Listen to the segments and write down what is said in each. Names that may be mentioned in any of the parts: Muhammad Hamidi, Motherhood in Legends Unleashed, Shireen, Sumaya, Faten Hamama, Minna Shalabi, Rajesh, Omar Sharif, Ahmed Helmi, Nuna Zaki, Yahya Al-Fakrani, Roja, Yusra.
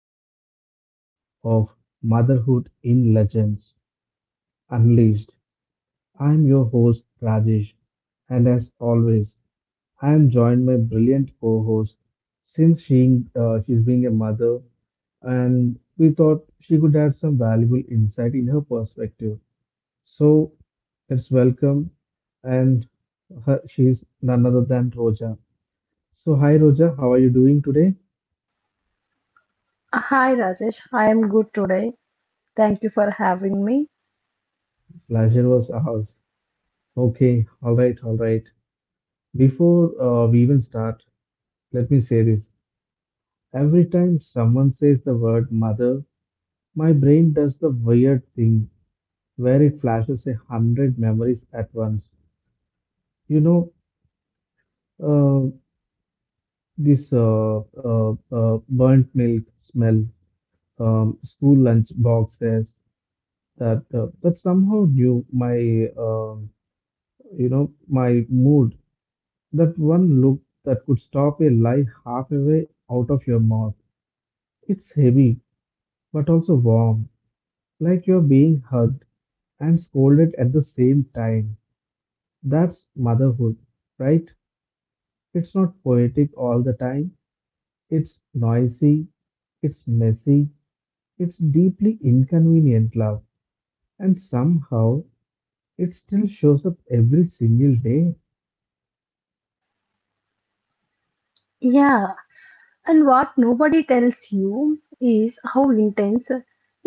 epic episode of Motherhood in Legends Unleashed. I'm your host, Rajesh, and as always, I am joined by brilliant co host since she's being a mother, and we thought she could add some valuable insight in her perspective. So, let's welcome, and her, she's none other than Roja. So, hi, Roja, how are you doing today? Hi Rajesh, I am good today. Thank you for having me. Pleasure was ours. Okay, all right, all right. Before we even start, let me say this. Every time someone says the word mother, my brain does the weird thing where it flashes a hundred memories at once. You know, uh, this burnt milk smell, school lunch boxes that somehow knew my, my mood. That one look that could stop a lie halfway out of your mouth. It's heavy, but also warm, like you're being hugged and scolded at the same time. That's motherhood, right? It's not poetic all the time. It's noisy, it's messy, it's deeply inconvenient love, and somehow it still shows up every single day. Yeah, and what nobody tells you is how intense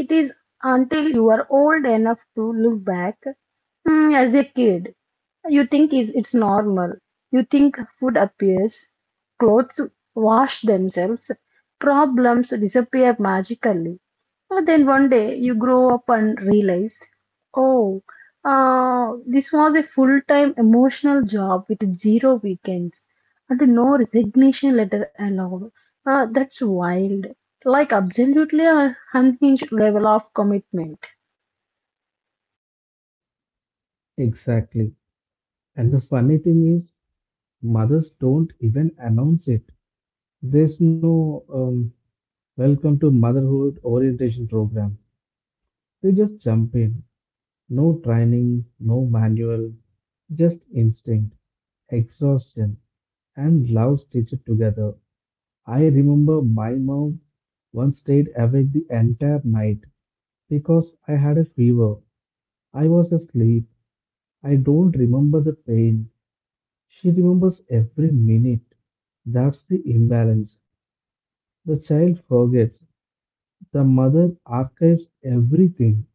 it is until you are old enough to look back. As a kid, you think is it's normal. You think food appears, clothes wash themselves, problems disappear magically. But then one day you grow up and realize. Oh, this was a full-time emotional job with zero weekends and no resignation letter allowed. That's wild. Like absolutely a unhinged level of commitment. Exactly. And the funny thing is, mothers don't even announce it. There's no welcome to motherhood orientation program. They just jump in. No training, no manual, just instinct, exhaustion, and love stitched together. I remember my mom once stayed awake the entire night because I had a fever. I was asleep. I don't remember the pain. She remembers every minute. That's the imbalance. The child forgets, the mother archives everything.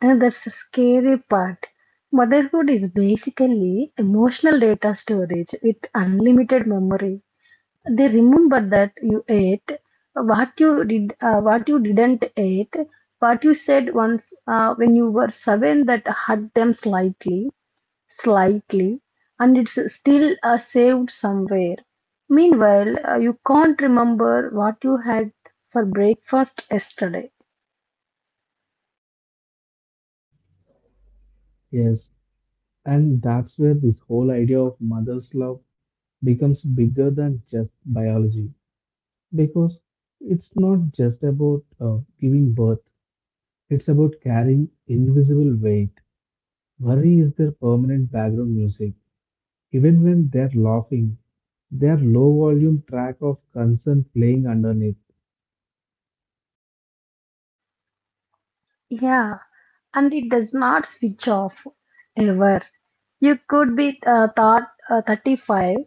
And that's the scary part. Motherhood is basically emotional data storage with unlimited memory. They remember that you ate, what you did, what you didn't eat, what you said once when you were 7 that hurt them slightly, and it's still saved somewhere. Meanwhile, you can't remember what you had for breakfast yesterday. Yes. And that's where this whole idea of mother's love becomes bigger than just biology. Because it's not just about giving birth, it's about carrying invisible weight. Worry is their permanent background music. Even when they're laughing, their low volume track of concern playing underneath. Yeah, and it does not switch off ever. You could be 35,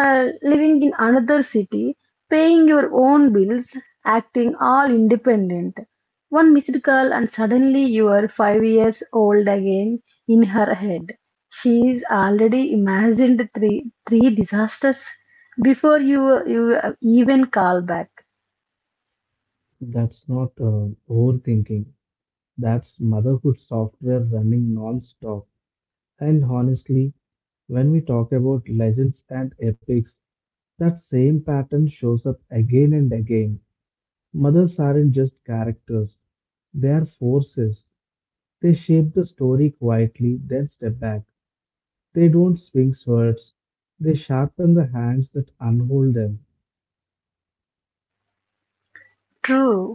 living in another city, paying your own bills, acting all independent. One missed call, and suddenly you are 5 years old again in her head. She's already imagined three disasters before you even call back. That's not overthinking. That's motherhood software running non stop. And honestly, when we talk about legends and epics, that same pattern shows up again and again. Mothers aren't just characters, they are forces. They shape the story quietly, then step back. They don't swing swords, they sharpen the hands that unhold them. True.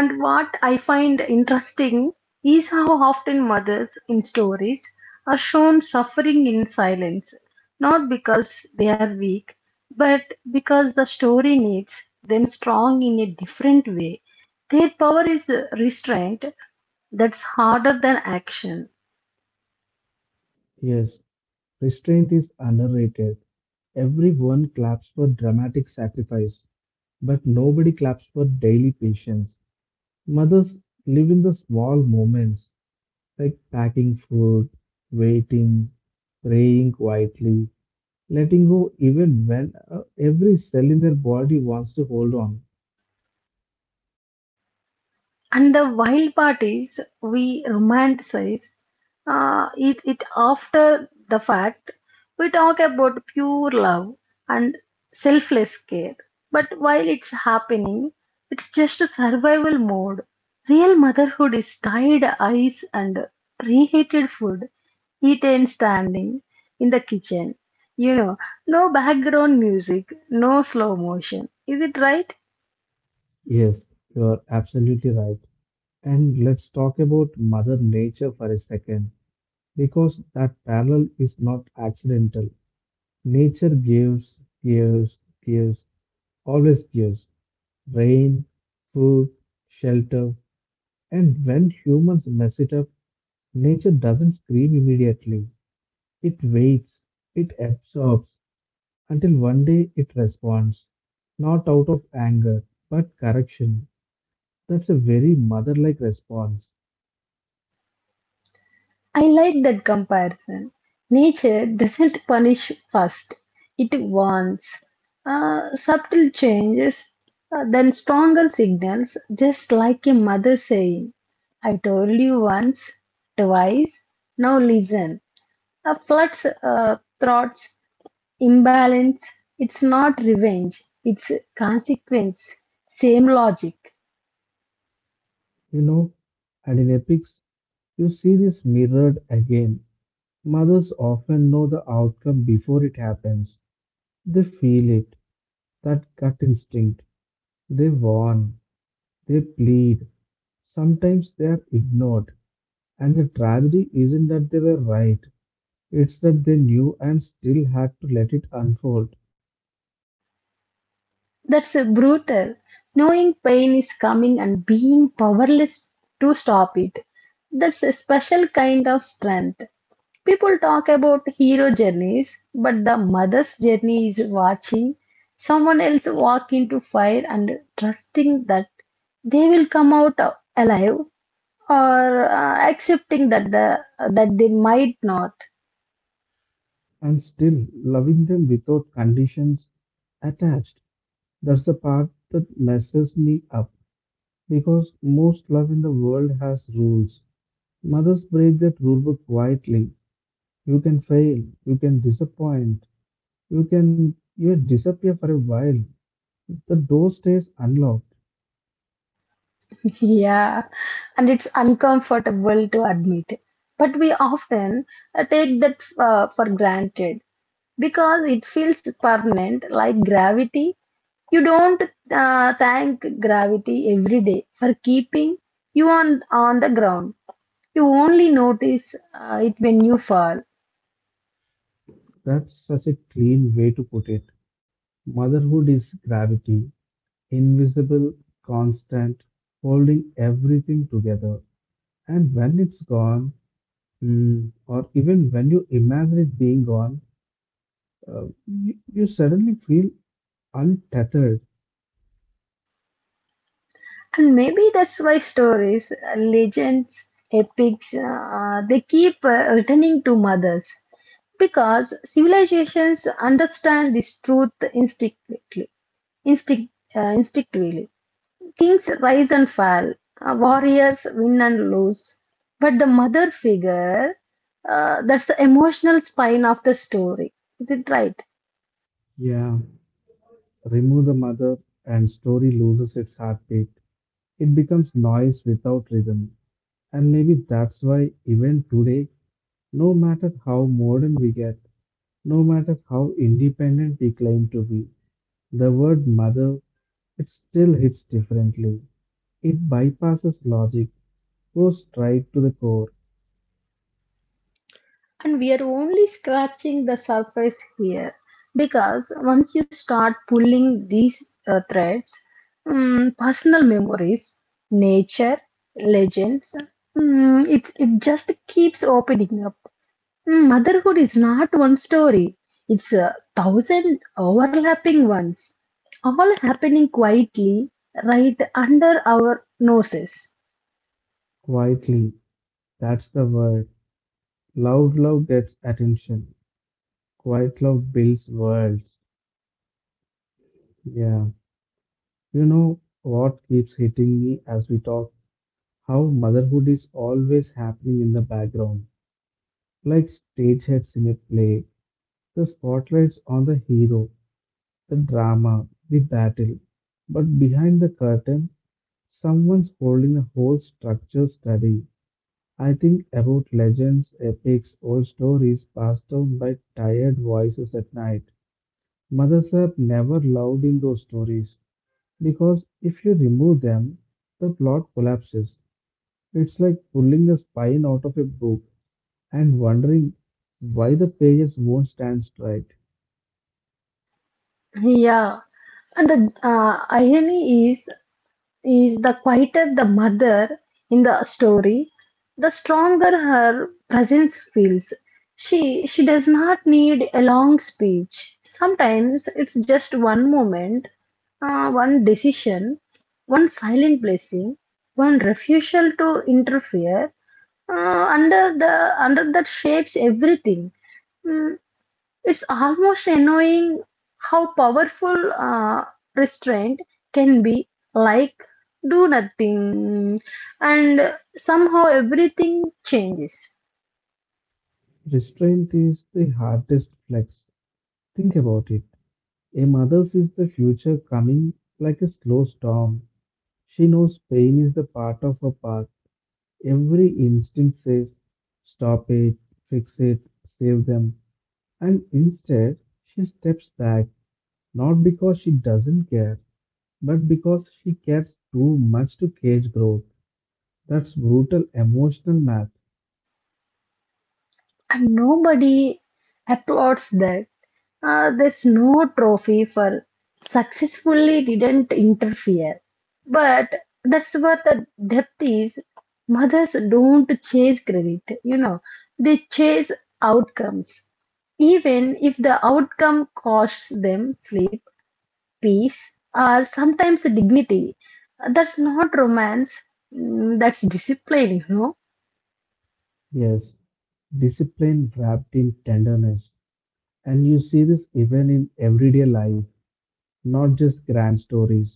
And what I find interesting is how often mothers in stories are shown suffering in silence, not because they are weak, but because the story needs them strong in a different way. Their power is restraint that's harder than action. Yes, restraint is underrated. Everyone claps for dramatic sacrifice, but nobody claps for daily patience. Mothers live in the small moments. Like packing food, waiting, praying quietly, letting go even when every cell in their body wants to hold on. And the wild part is we romanticize it after the fact. We talk about pure love and selfless care. But while it's happening, it's just a survival mode. Real motherhood is tied ice and reheated food, eaten standing in the kitchen. You know, no background music, no slow motion. Is it right? Yes, you are absolutely right. And let's talk about Mother Nature for a second, because that parallel is not accidental. Nature gives, gives, gives, always gives rain, food, shelter. And when humans mess it up, nature doesn't scream immediately. It waits, it absorbs, until one day it responds, not out of anger, but correction. That's a very mother like response, I like that comparison. Nature doesn't punish first, it warns. Subtle changes, then stronger signals, just like a mother saying, I told you once, twice, now listen. Floods, throats, imbalance, it's not revenge, it's consequence, same logic. you know. And in epics, you see this mirrored again. Mothers often know the outcome before it happens. They feel it, that gut instinct. They warn, they plead. Sometimes they are ignored. And the tragedy isn't that they were right, it's that they knew and still had to let it unfold, That's brutal. Knowing pain is coming and being powerless to stop it. That's a special kind of strength. People talk about hero journeys, but the mother's journey is watching someone else walk into fire and trusting that they will come out alive or accepting that the that they might not. and still loving them without conditions attached. That's the part that messes me up because most love in the world has rules. Mothers break that rule book quietly. You can fail, you can disappoint, you can even disappear for a while. The door stays unlocked. Yeah. And it's uncomfortable to admit. But we often take that for granted because it feels permanent, like gravity. You don't thank gravity every day for keeping you on the ground. You only notice it when you fall. That's such a clean way to put it. Motherhood is gravity, invisible, constant, holding everything together. And when it's gone, or even when you imagine it being gone, you suddenly feel untethered. And maybe that's why stories, legends, epics, they keep returning to mothers because civilizations understand this truth instinctively. Instinctively. Kings rise and fall, warriors win and lose. But the mother figure, that's the emotional spine of the story. Is it right? Yeah, remove the mother, and story loses its heartbeat. It becomes noise without rhythm. And maybe that's why, even today, no matter how modern we get, no matter how independent we claim to be, the word mother, it still hits differently. It bypasses logic, goes straight to the core, And we are only scratching the surface here, because once you start pulling these threads, mm, personal memories, nature, legends, it just keeps opening up. Motherhood is not one story, it's a thousand overlapping ones, all happening quietly right under our noses. quietly. That's the word. Loud love gets attention. Quiet love builds worlds. Yeah. You know what keeps hitting me as we talk? How motherhood is always happening in the background. Like stage heads in a play. The spotlight's on the hero, the drama, the battle. But behind the curtain, someone's holding the whole structure steady. I think about legends, epics, old stories passed down by tired voices at night. Mothers are never loved in those stories because if you remove them, the plot collapses. It's like pulling the spine out of a book and wondering why the pages won't stand straight. Yeah, and the uh, irony is the quieter the mother in the story, the stronger her presence feels. She does not need a long speech. Sometimes it's just one moment, one decision, one silent blessing, one refusal to interfere. uh, under the Under that shapes everything. Mm, it's almost annoying how powerful restraint can be, like do nothing and somehow everything changes. Restraint is the hardest flex. Think about it. A mother sees the future coming like a slow storm. She knows pain is the part of her path. Every instinct says, stop it, fix it, save them. And instead, she steps back, not because she doesn't care, but because she cares too much to cage growth. That's brutal emotional math. And nobody applauds that. There's no trophy for successfully didn't interfere. But that's what the depth is. Mothers don't chase credit, they chase outcomes. Even if the outcome costs them sleep, peace, or sometimes dignity. That's not romance. That's discipline. Yes, discipline wrapped in tenderness. And you see this even in everyday life, not just grand stories.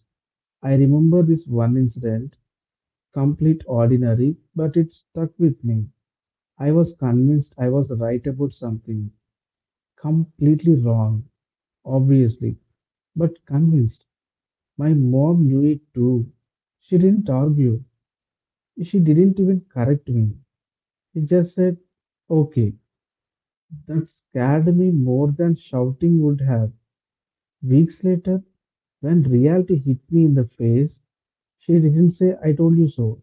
I remember this one incident, complete ordinary, but it stuck with me. I was convinced I was right about something. Completely wrong, obviously, but convinced. My mom knew it too. She didn't argue. She didn't even correct me. She just said, okay. That scared me more than shouting would have. Weeks later, when reality hit me in the face, she didn't say, I told you so.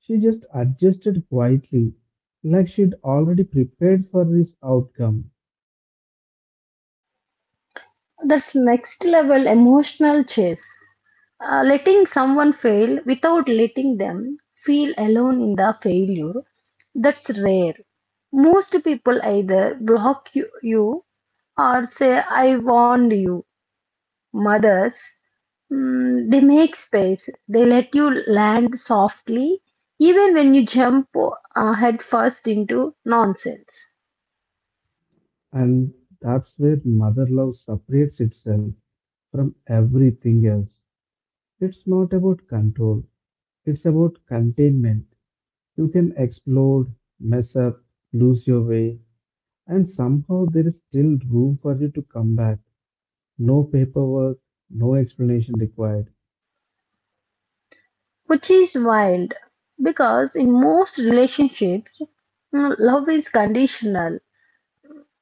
She just adjusted quietly, like she'd already prepared for this outcome. That's next level emotional chase. Letting someone fail without letting them feel alone in the failure, that's rare. Most people either block you, or say, I warned you. Mothers, they make space, they let you land softly, even when you jump headfirst into nonsense. And that's where mother love separates itself from everything else. It's not about control, it's about containment. You can explode, mess up, lose your way, and somehow there is still room for you to come back. No paperwork, no explanation required. Which is wild, because in most relationships, love is conditional.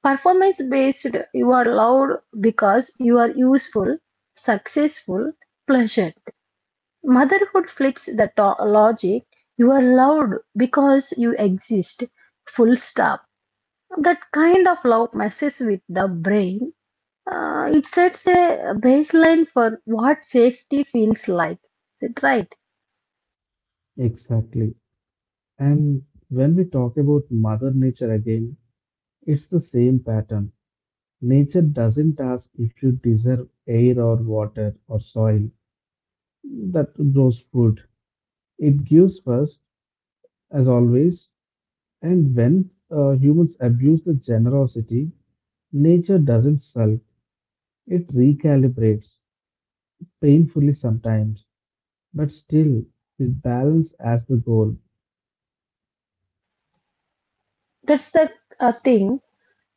Performance based, you are loved because you are useful, successful, pleasant. Motherhood flips the logic. You are loved because you exist. Full stop. That kind of love messes with the brain. It sets a baseline for what safety feels like. Is it right? Exactly. And when we talk about Mother Nature again, it's the same pattern. Nature doesn't ask if you deserve air or water or soil that grows food. It gives first, as always, and when humans abuse the generosity, nature doesn't sulk. It recalibrates, painfully sometimes, but still with balance as the goal. That's the thing.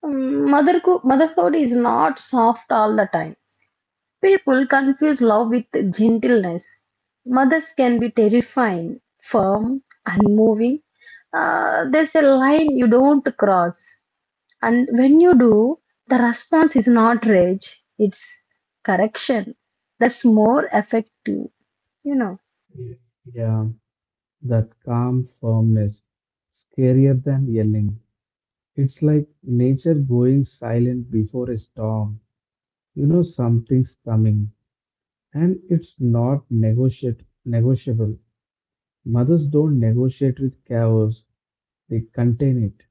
Motherhood is not soft all the time. People confuse love with gentleness. Mothers can be terrifying, firm, unmoving. There's a line you don't cross, and when you do, the response is not rage, it's correction. That's more effective, you know. Y- Yeah, that calm firmness, scarier than yelling. It's like nature going silent before a storm. You know something's coming, and it's not negotiate negotiable. Mothers don't negotiate with chaos, they contain it.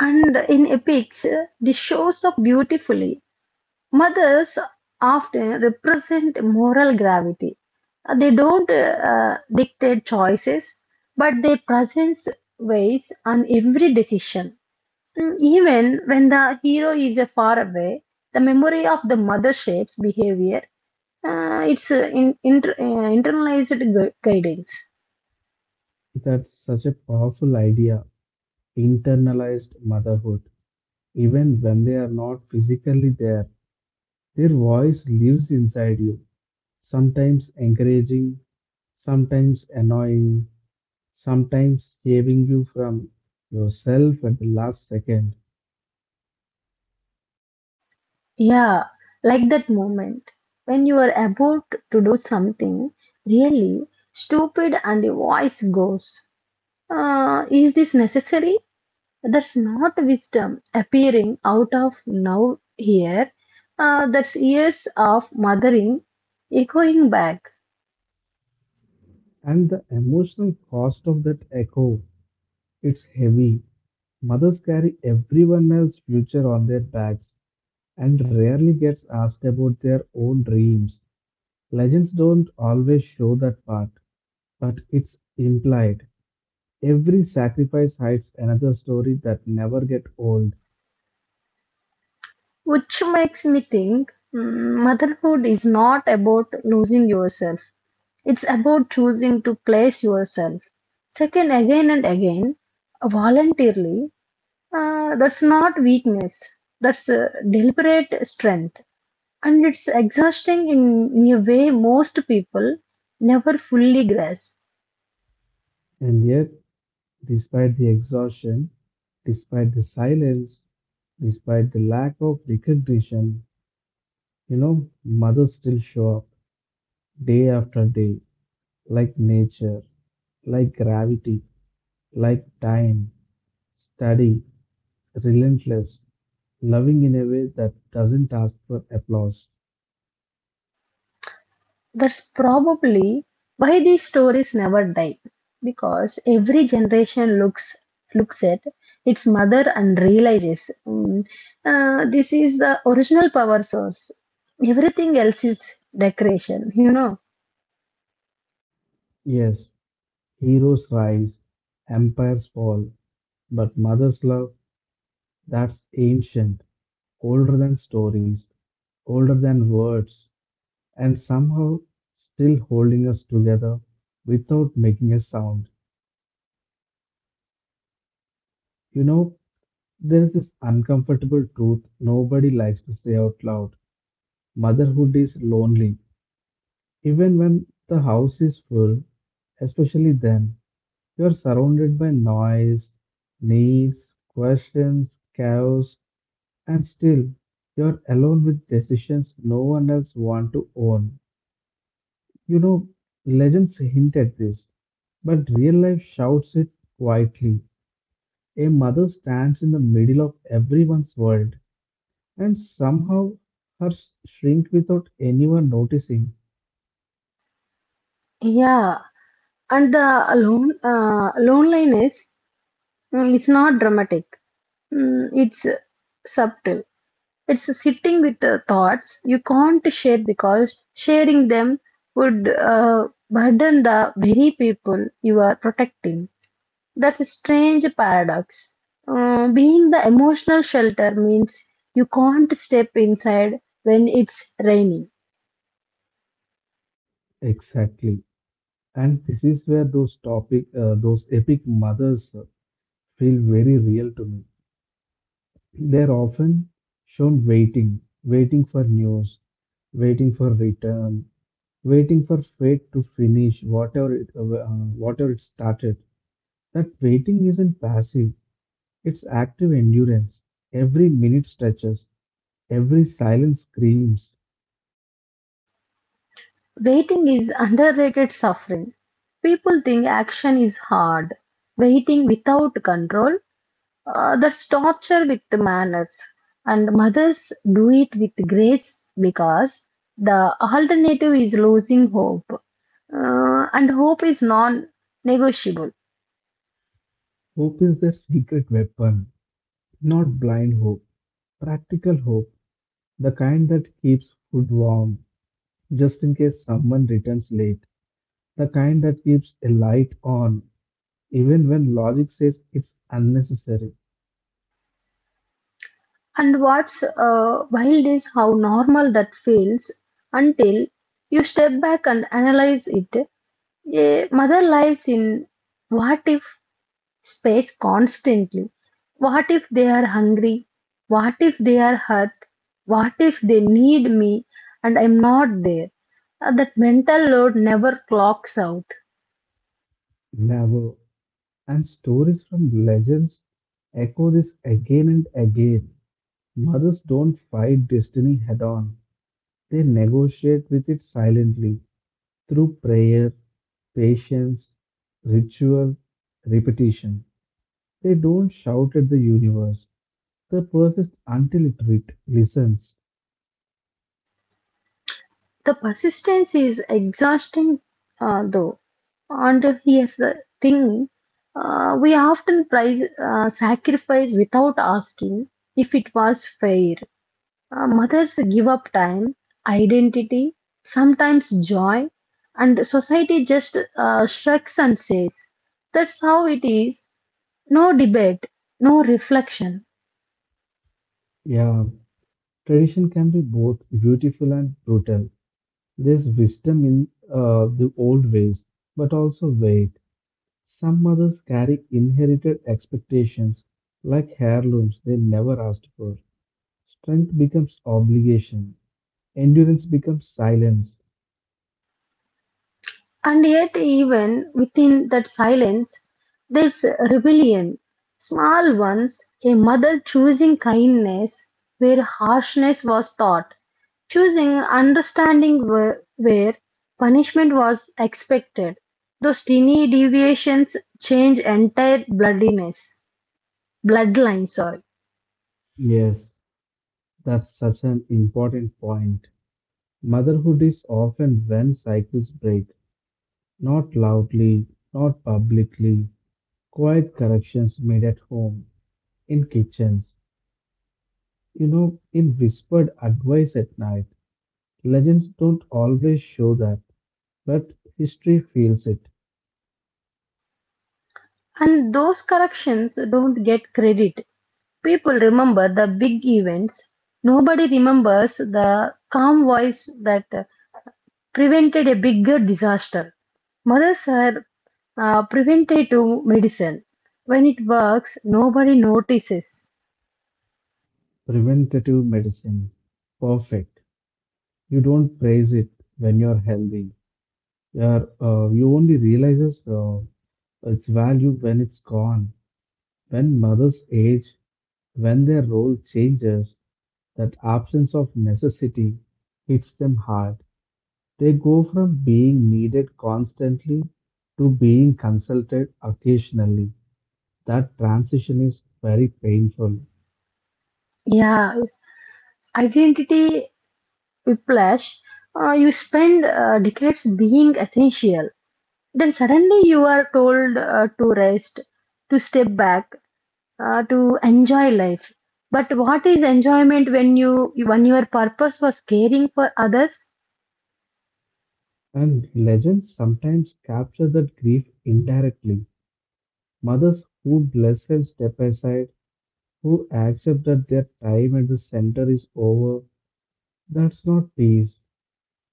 And in epics, this shows up beautifully. Mothers often represent moral gravity. They don't dictate choices, but their presence weighs on every decision. Even when the hero is far away, the memory of the mother shapes behavior. It's internalized guidance. That's such a powerful idea, internalized motherhood. Even when they are not physically there, their voice lives inside you, sometimes encouraging, sometimes annoying, sometimes saving you from yourself at the last second. Yeah, like that moment when you are about to do something really stupid and the voice goes, is this necessary? That's not wisdom appearing out of now here. That's years of mothering echoing back. And the emotional cost of that echo, it's heavy. Mothers carry everyone else's future on their backs and rarely gets asked about their own dreams. Legends don't always show that part, but it's implied. Every sacrifice hides another story that never get old. Which makes me think, motherhood is not about losing yourself. It's about choosing to place yourself second, again and again, voluntarily. That's not weakness. That's deliberate strength. And it's exhausting in a way most people never fully grasp. And yet, despite the exhaustion, despite the silence, despite the lack of recognition, you know, mothers still show up day after day, like nature, like gravity, like time, steady, relentless, loving in a way that doesn't ask for applause. That's probably why these stories never die. Because every generation looks at its mother and realizes, this is the original power source. Everything else is decoration. Yes, heroes rise, empires fall, but mother's love, that's ancient, older than stories, older than words, and somehow still holding us together without making a sound. You know, there's this uncomfortable truth nobody likes to say out loud. Motherhood is lonely, even when the house is full, especially then. You are surrounded by noise, needs, questions, chaos, and still you're alone with decisions no one else wants to own. You know, legends hint at this, but real life shouts it quietly. A mother stands in the middle of everyone's world, and somehow her shrink without anyone noticing. Yeah, and the loneliness is not dramatic. It's subtle. It's sitting with the thoughts you can't share, because sharing them would burden the very people you are protecting. That's a strange paradox. Being the emotional shelter means you can't step inside when it's raining. Exactly, and this is where those epic mothers feel very real to me. They're often shown waiting, waiting for news, waiting for return, waiting for fate to finish whatever it started. That waiting isn't passive; it's active endurance. Every minute stretches, every silence screams. Waiting is underrated suffering. People think action is hard. Waiting without control, that's torture with the manners. And mothers do it with grace because the alternative is losing hope. And hope is non-negotiable. Hope is their secret weapon, not blind hope, practical hope, the kind that keeps food warm just in case someone returns late, the kind that keeps a light on even when logic says it's unnecessary. And what's wild is how normal that feels until you step back and analyze it. A mother lives in what if space constantly. What if they are hungry? What if they are hurt? What if they need me and I'm not there? That mental load never clocks out. Never. And stories from legends echo this again and again. Mothers don't fight destiny head on, they negotiate with it silently through prayer, patience, ritual, repetition. They don't shout at the universe, they persist until it listens. The persistence is exhausting, though. And here's the thing. We often price sacrifice without asking if it was fair. Mothers give up time, identity, sometimes joy, and society just shrugs and says, That's how it is. No debate, no reflection. Yeah, tradition can be both beautiful and brutal. There's wisdom in the old ways, but also wait. Some mothers carry inherited expectations like heirlooms they never asked for. Strength becomes obligation, endurance becomes silence. And yet, even within that silence, there's rebellion. Small ones, a mother choosing kindness where harshness was taught, choosing understanding where punishment was expected. Those tiny deviations change entire bloodiness, bloodline, sorry. Yes, that's such an important point. Motherhood is often when cycles break, not loudly, not publicly, quiet corrections made at home, in kitchens, you know, in whispered advice at night. Legends don't always show that, but history feels it. And those corrections don't get credit. People remember the big events. Nobody remembers the calm voice that prevented a bigger disaster. Mothers are preventative medicine. When it works, nobody notices. Preventative medicine, perfect. You don't praise it when you're healthy. You only realizes its value when it's gone. When mothers age, when their role changes, that absence of necessity hits them hard. They go from being needed constantly to being consulted occasionally. That transition is very painful. Yeah, identity whiplash. You spend decades being essential. Then suddenly you are told to rest, to step back, to enjoy life. But what is enjoyment when your purpose was caring for others? And legends sometimes capture that grief indirectly. Mothers who bless and step aside, who accept that their time at the center is over, that's not peace.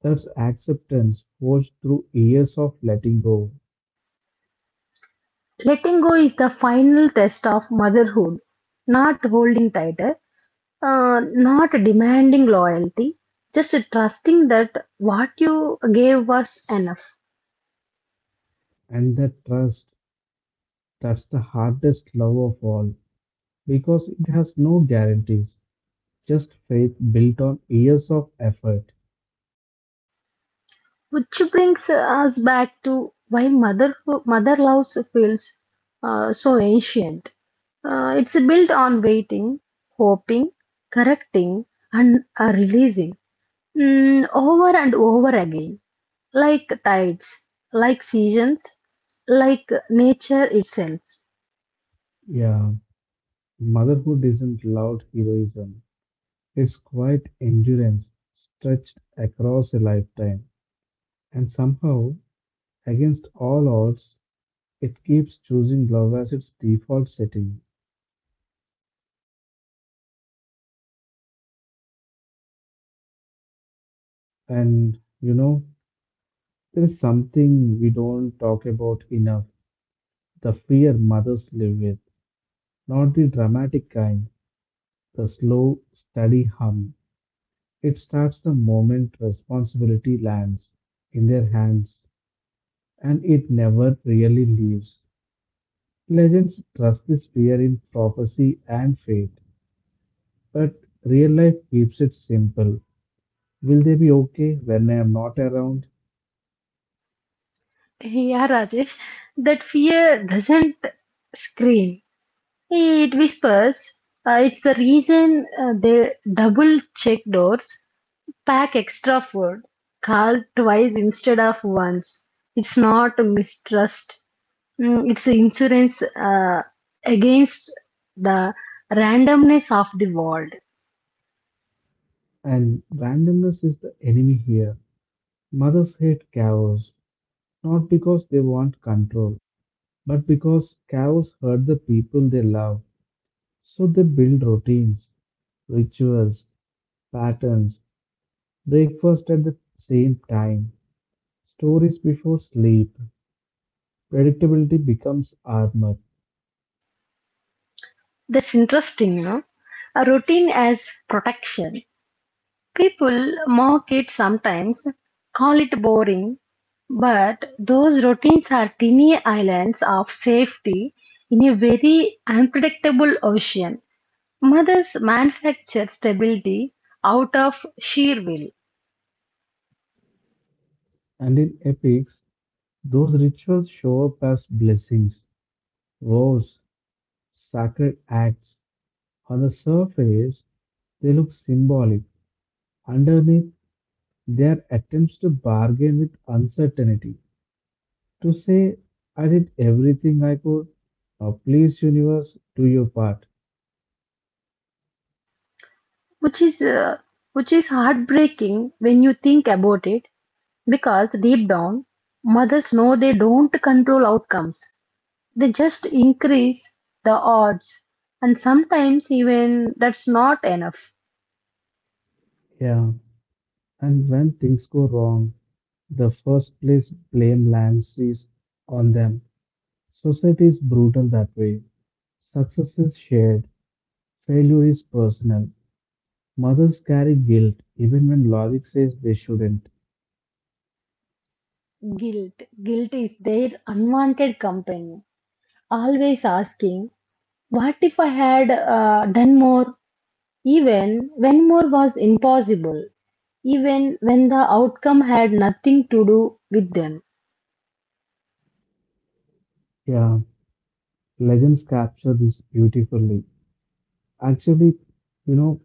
That's acceptance forged through years of letting go. Letting go is the final test of motherhood. Not holding tight, not demanding loyalty, just trusting that what you gave was enough. And that trust, that's the hardest love of all, because it has no guarantees, just faith built on years of effort. Which brings us back to why mother love feels so ancient. It's built on waiting, hoping, correcting, and are releasing, over and over again, like tides, like seasons, like nature itself. Yeah, motherhood isn't loud heroism. It's quite endurance stretched across a lifetime, and somehow, against all odds, it keeps choosing love as its default setting. And you know, there is something we don't talk about enough the fear mothers live with, not the dramatic kind, the slow, steady hum. It starts the moment responsibility lands in their hands, and it never really leaves. Legends trust this fear in prophecy and fate, but real life keeps it simple. Will they be okay when I am not around? Yeah, Rajesh, that fear doesn't scream, it whispers. It's the reason they double check doors, pack extra food, call twice instead of once. It's not mistrust. It's insurance uh, against the randomness of the world. And randomness is the enemy here. Mothers hate chaos, not because they want control, but because chaos hurt the people they love. So they build routines, rituals, patterns, breakfast at the same time, stories before sleep. Predictability becomes armor. That's interesting, no? A routine as protection. People mock it sometimes, call it boring, but those routines are tiny islands of safety in a very unpredictable ocean. Mothers manufacture stability out of sheer will. And in epics, those rituals show up as blessings, vows, sacred acts. On the surface, they look symbolic. Underneath, they are attempts to bargain with uncertainty, to say, I did everything I could. Now, please, universe, do your part. which is uh, which is heartbreaking when you think about it, because deep down mothers know they don't control outcomes, they just increase the odds, and sometimes even that's not enough. Yeah, and when things go wrong, the first place blame lands is on them. Society is brutal that way. Success is shared, failure is personal. Mothers carry guilt even when logic says they shouldn't. Guilt guilt is their unwanted companion, always asking, what if I had done more, even when more was impossible, even when the outcome had nothing to do with them. Yeah, legends capture this beautifully. Actually, you know,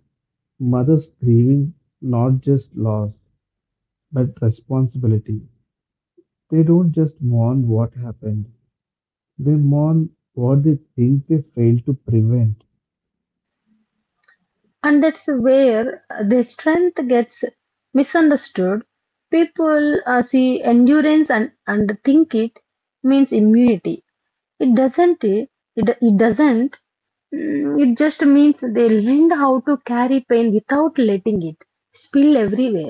mothers grieving not just loss, but responsibility. They don't just mourn what happened, they mourn what they think they failed to prevent. And that's where the strength gets misunderstood. People see endurance and think it means immunity. It doesn't. It doesn't. It just means they learned how to carry pain without letting it spill everywhere.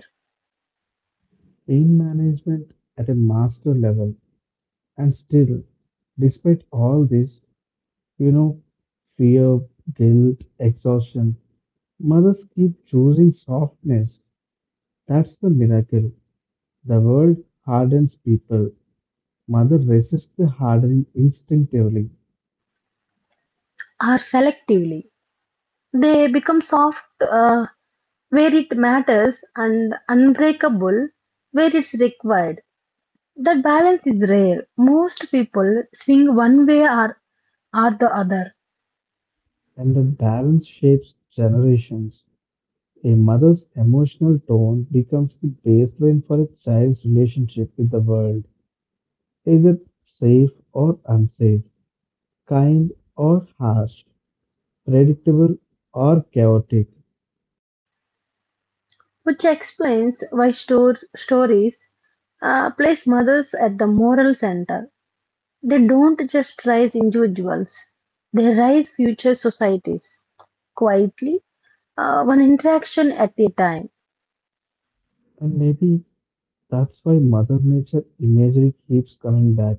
Pain management at a master level. And still, despite all this, you know, fear, guilt, exhaustion, mothers keep choosing softness. That's the miracle. The world hardens people. Mother resists the hardening instinctively, Or selectively, they become soft where it matters and unbreakable where it's required. That balance is rare. Most people swing one way or are the other. and the balance shapes generations. A mother's emotional tone becomes the baseline for a child's relationship with the world. Is it safe or unsafe? Kind or harsh? Predictable or chaotic? Which explains why stories place mothers at the moral center. They don't just raise individuals, they raise future societies quietly, one interaction at a time. And maybe that's why Mother Nature imagery keeps coming back.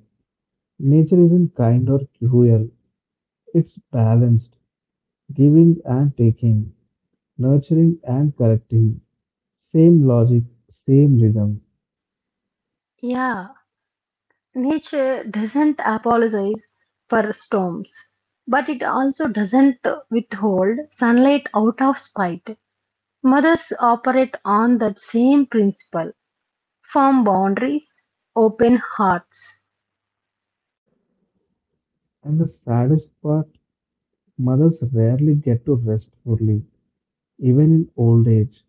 Nature isn't kind or cruel, it's balanced, giving and taking, nurturing and correcting, same logic, same rhythm. Yeah, nature doesn't apologize for storms, but it also doesn't withhold sunlight out of spite. Mothers operate on that same principle. Firm boundaries, open hearts. And the saddest part, mothers rarely get to rest fully, even in old age.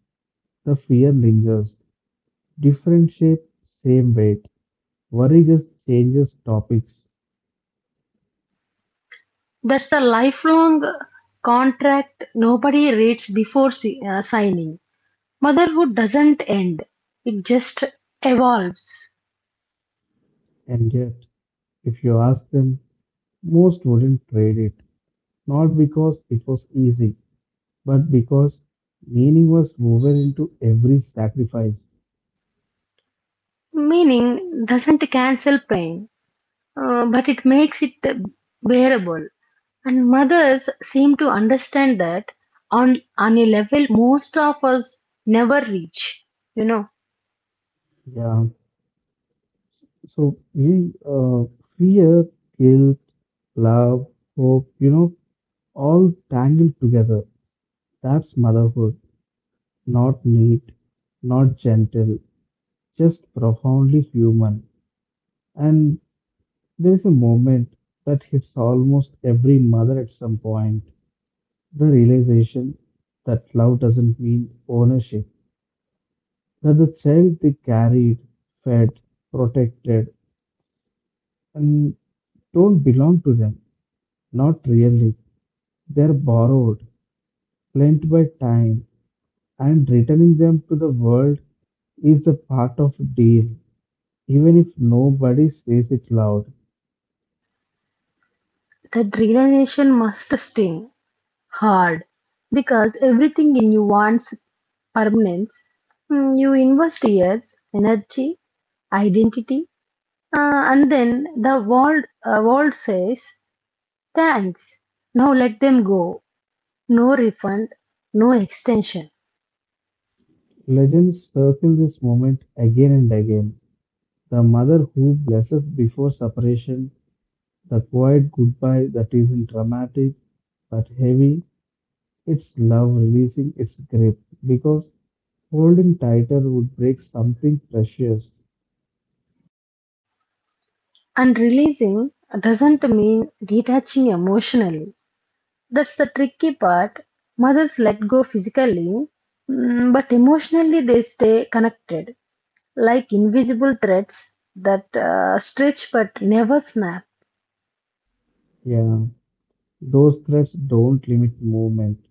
The fear lingers, different shape, same weight. Worry just changes topics, That's a lifelong contract nobody reads before signing. Motherhood doesn't end, it just evolves. and yet, if you ask them, most wouldn't trade it, not because it was easy, but because meaning was woven into every sacrifice. Meaning doesn't cancel pain, but it makes it bearable. And mothers seem to understand that on a level most of us never reach. You know, Yeah. So we fear, guilt, love, hope, you know, all tangled together. That's motherhood. Not neat, not gentle, just profoundly human. And there's a moment that hits almost every mother at some point the realization that love doesn't mean ownership, that the child they carried, fed, protected, and don't belong to them. Not really. They are borrowed, lent by time, and returning them to the world is the part of a deal, even if nobody says it loud. that realization must sting hard because everything in you wants permanence. Mm, you invest years, energy, identity, and then the world, world says, thanks. Now let them go. No refund, no extension. Legends circle this moment again and again. The mother who blesses before separation, the quiet goodbye that isn't dramatic but heavy, it's love releasing its grip because holding tighter would break something precious. And releasing doesn't mean detaching emotionally. That's the tricky part. Mothers let go physically, mm, but emotionally they stay connected, like invisible threads that stretch but never snap, Yeah, those threads don't limit movement,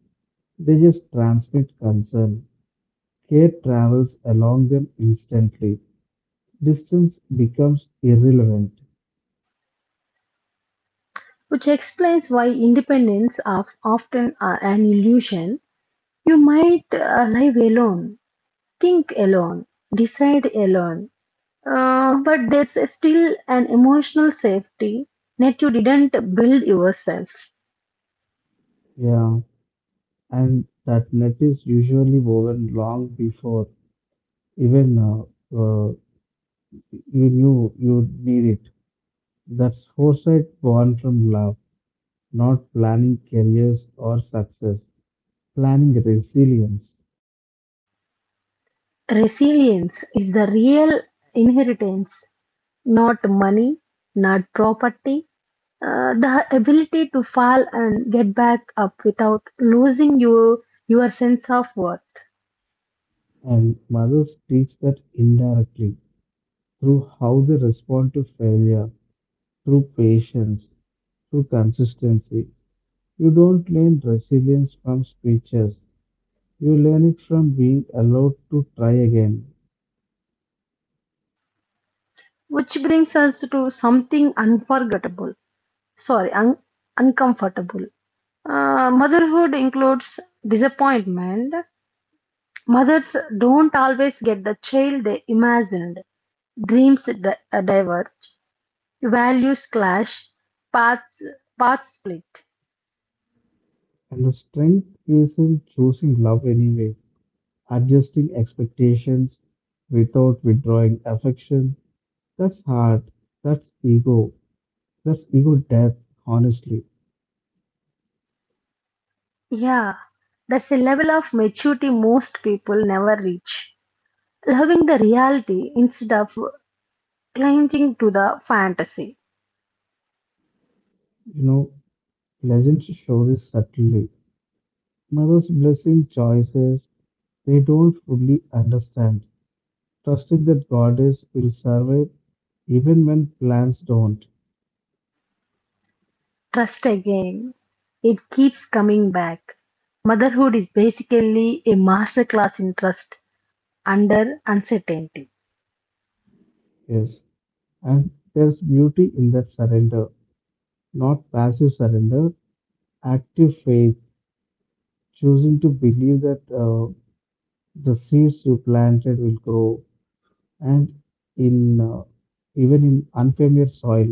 they just transmit concern. Care travels along them instantly. Distance becomes irrelevant. which explains why independence of often an illusion. You might live alone, think alone, decide alone, but there's still an emotional safety net you didn't build yourself. Yeah, and that net is usually woven long before even uh, you knew you'd need it. That's foresight born from love. Not planning careers or success, planning resilience. Resilience is the real inheritance, not money, not property. The ability to fall and get back up without losing your sense of worth. And mothers teach that indirectly through how they respond to failure, through patience, through consistency. You don't learn resilience from speeches, you learn it from being allowed to try again. Which brings us to something unforgettable. Sorry, uncomfortable. Motherhood includes disappointment. Mothers don't always get the child they imagined. Dreams diverge. Values clash. Paths, paths split. And the strength is in choosing love anyway, adjusting expectations without withdrawing affection. That's hard, that's ego, plus ego death, honestly. Yeah, that's a level of maturity most people never reach. Loving the reality instead of clinging to the fantasy. You know, legends show this subtly. Mothers blessing choices they don't fully understand, trusting that goddess will survive even when plans don't. Trust again. It keeps coming back. Motherhood is basically a masterclass in trust under uncertainty. Yes, and there's beauty in that surrender, not passive surrender, active faith, choosing to believe that the seeds you planted will grow, and in even in unfamiliar soil.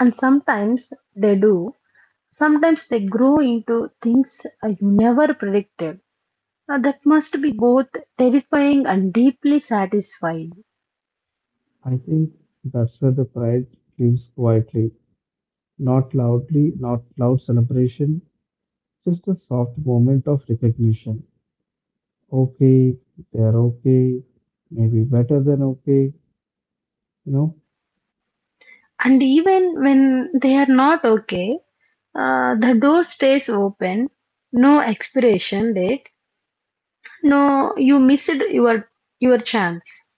And sometimes they do. Sometimes they grow into things you never predicted. Now, that must be both terrifying and deeply satisfying. I think that's where the pride lives quietly, not loudly, not loud celebration, just a soft moment of recognition. Okay, they're okay, maybe better than okay. You know, And even when they are not okay, the door stays open. No expiration date. No, you missed your chance.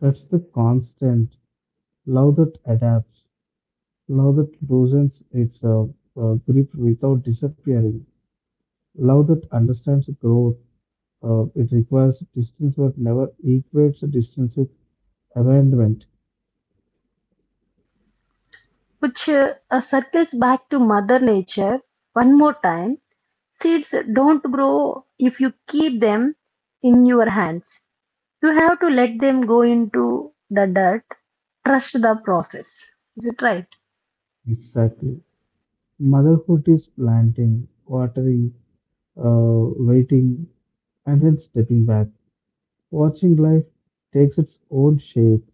that's the constant love that adapts, love that loosens its grip without disappearing, love that understands growth. It requires distance but never equates distance with abandonment. Which circles back to Mother Nature one more time. Seeds don't grow if you keep them in your hands. You have to let them go into the dirt. Trust the process. Is it right? Exactly. Motherhood is planting, watering, waiting, and then stepping back. Watching life takes its own shape.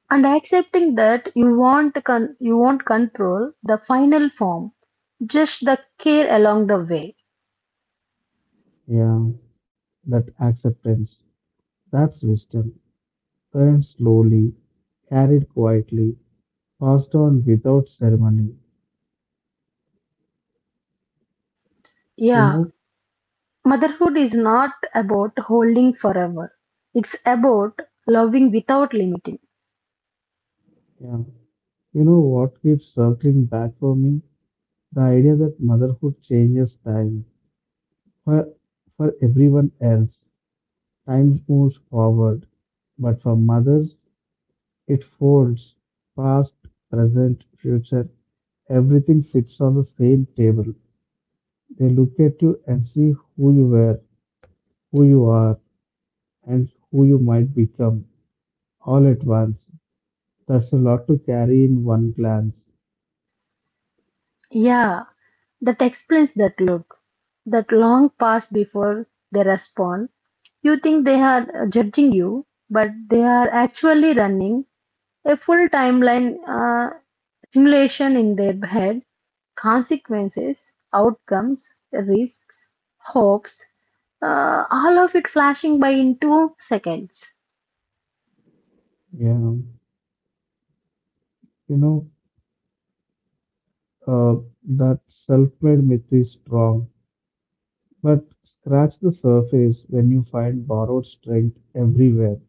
And accepting that you won't, you won't control the final form, just the care along the way. Yeah, that acceptance, that's wisdom. Earned slowly, carried quietly, passed on without ceremony. You Yeah, know, motherhood is not about holding forever. It's about loving without limiting. yeah, you know what keeps circling back for me? The idea that motherhood changes time. For, for everyone else, time moves forward. But for mothers, it folds past, present, future, everything sits on the same table. They look at you and see who you were, who you are, and who you might become all at once. That's a lot to carry in one glance. Yeah, that explains that look, that long pause before they respond. You think they are judging you, but they are actually running a full timeline simulation in their head, consequences, outcomes, risks, hopes, all of it flashing by in 2 seconds. Yeah, you know, uh, that self made myth is strong, but scratch the surface when you find borrowed strength everywhere.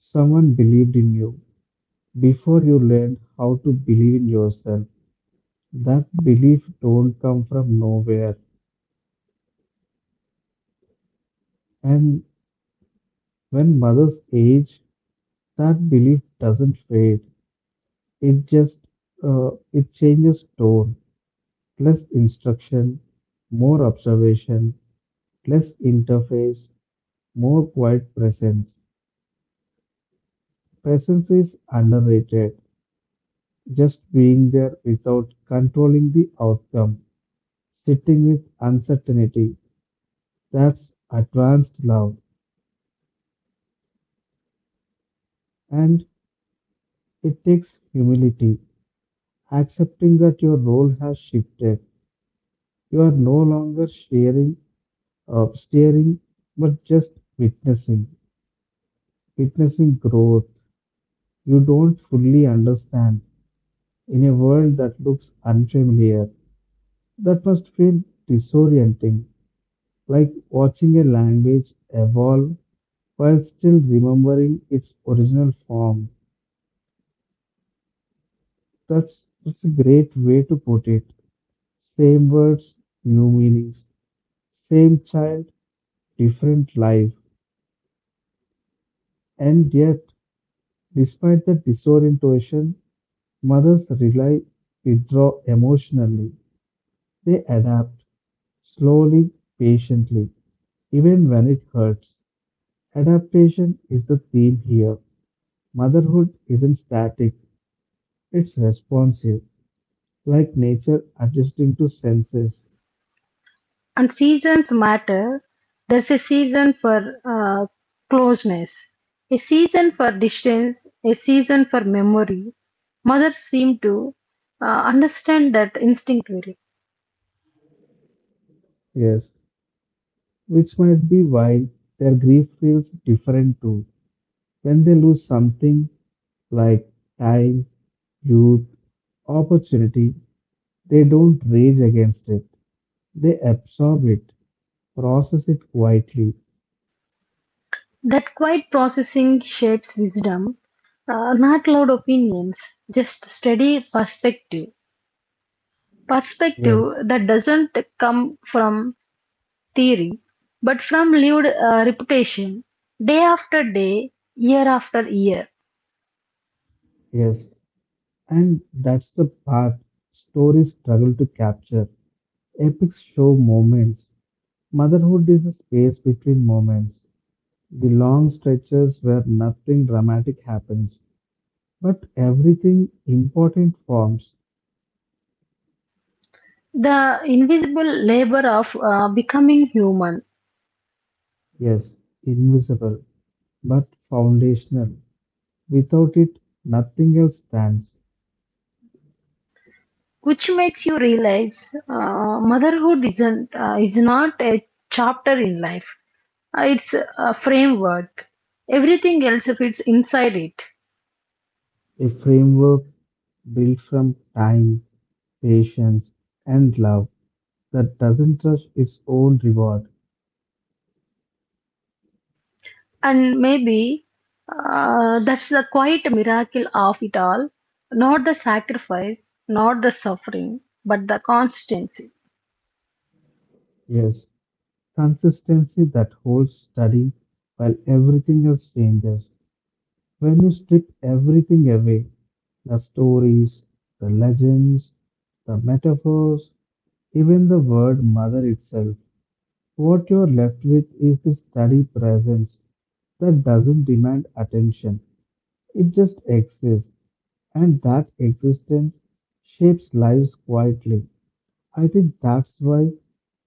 Someone believed in you before you learned how to believe in yourself. That belief don't come from nowhere. And when mothers age, that belief doesn't fade. It just it changes tone, less instruction, more observation, less interface, more quiet presence. Presence is underrated. Just being there without controlling the outcome, sitting with uncertainty. That's advanced love, and it takes humility. Accepting that your role has shifted. You are no longer sharing, steering, but just witnessing, witnessing growth you don't fully understand in a world that looks unfamiliar. That must feel disorienting, like watching a language evolve while still remembering its original form. That's a great way to put it. Same words, new meanings. Same child, different life. And yet, despite the disorientation, mothers rely withdraw emotionally. They adapt slowly, patiently, even when it hurts. Adaptation is the theme here. Motherhood isn't static, it's responsive, like nature adjusting to senses. And seasons matter. There's a season for closeness, a season for distance, a season for memory. Mothers seem to understand that instinctively. Yes, which might be why their grief feels different too. When they lose something like time, youth, opportunity, they don't rage against it. They absorb it, process it quietly. That quiet processing shapes wisdom, not loud opinions, just steady perspective. Yes, Perspective that doesn't come from theory, but from lived reputation, day after day, year after year. yes. And that's the part stories struggle to capture. Epics show moments. Motherhood is the space between moments, the long stretches where nothing dramatic happens, but everything important forms. The invisible labor of becoming human, Yes, invisible, but foundational. Without it, nothing else stands. which makes you realize motherhood isn't is not a chapter in life. It's a framework. Everything else fits inside it. A framework built from time, patience, and love that doesn't rush its own reward. And maybe that's the quiet miracle of it all. Not the sacrifice, not the suffering, but the constancy. Yes, consistency that holds steady while everything else changes. When you strip everything away, the stories, the legends, the metaphors, even the word mother itself, what you're left with is the steady presence that doesn't demand attention. It just exists, and that existence shapes lives quietly. I think that's why,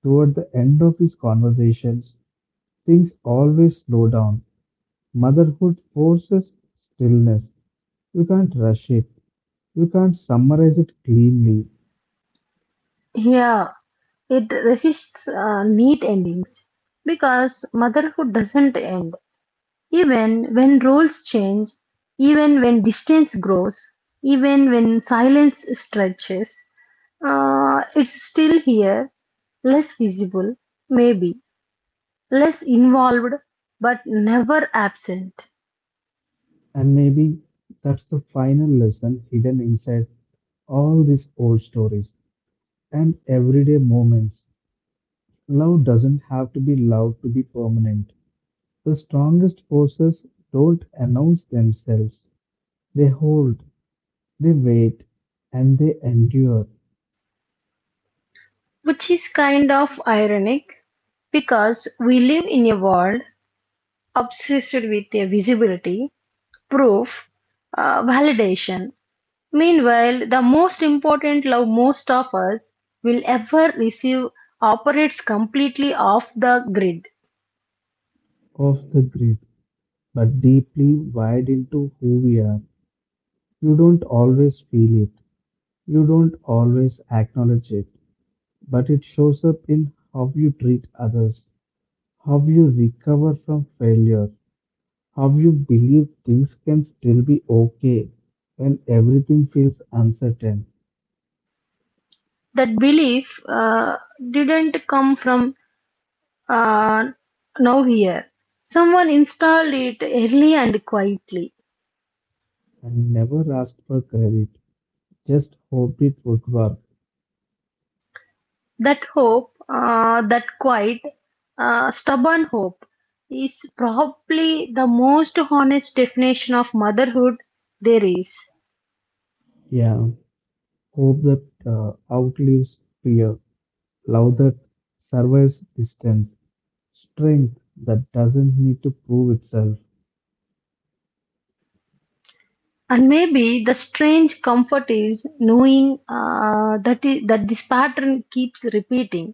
toward the end of these conversations, things always slow down. Motherhood forces stillness. You can't rush it, you can't summarize it cleanly, Yeah, it resists neat endings because motherhood doesn't end. Even when roles change, even when distance grows, even when silence stretches, it's still here, less visible, maybe, less involved but never absent, and maybe that's the final lesson hidden inside all these old stories and everyday moments. Love doesn't have to be loud to be permanent. The strongest forces don't announce themselves. They hold, they wait, and they endure which is kind of ironic because we live in a world obsessed with a visibility, proof, validation. Meanwhile, the most important love most of us will ever receive operates completely off the grid. off the grid, but deeply wired into who we are. You don't always feel it, you don't always acknowledge it, but it shows up in how you treat others, how you recover from failure, how you believe things can still be okay when everything feels uncertain That belief didn't come from uh, now here. Someone installed it early and quietly. and never ask for credit. Just hope it would work. That hope, that quiet, stubborn hope, is probably the most honest definition of motherhood there is. Yeah, hope that outlives fear, love that survives distance, strength that doesn't need to prove itself. And maybe the strange comfort is knowing that this pattern keeps repeating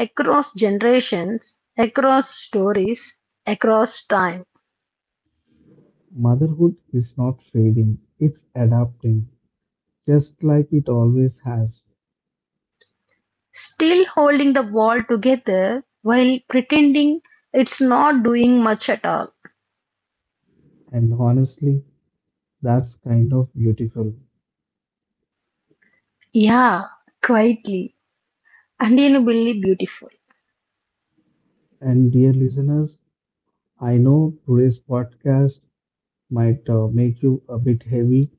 across generations, across stories, across time, Motherhood is not fading, it's adapting, just like it always has. still holding the wall together while pretending it's not doing much at all. And honestly, that's kind of beautiful. Yeah, quietly unbelievably beautiful. And dear listeners, I know today's podcast might make you a bit heavy,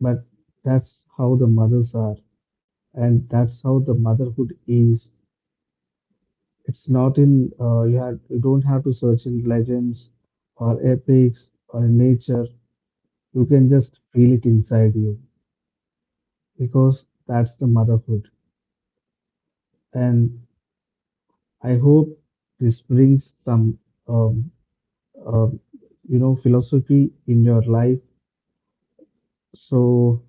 but that's how the mothers are. And that's how the motherhood is. It's not in you have you don't have to search in legends or epics or in nature. You can just feel it inside you because that's the motherhood. And I hope this brings some um, um you know philosophy in your life. So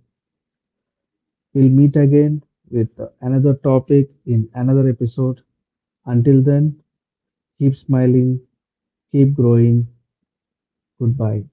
we'll meet again with another topic in another episode. Until then, keep smiling, keep growing. Goodbye.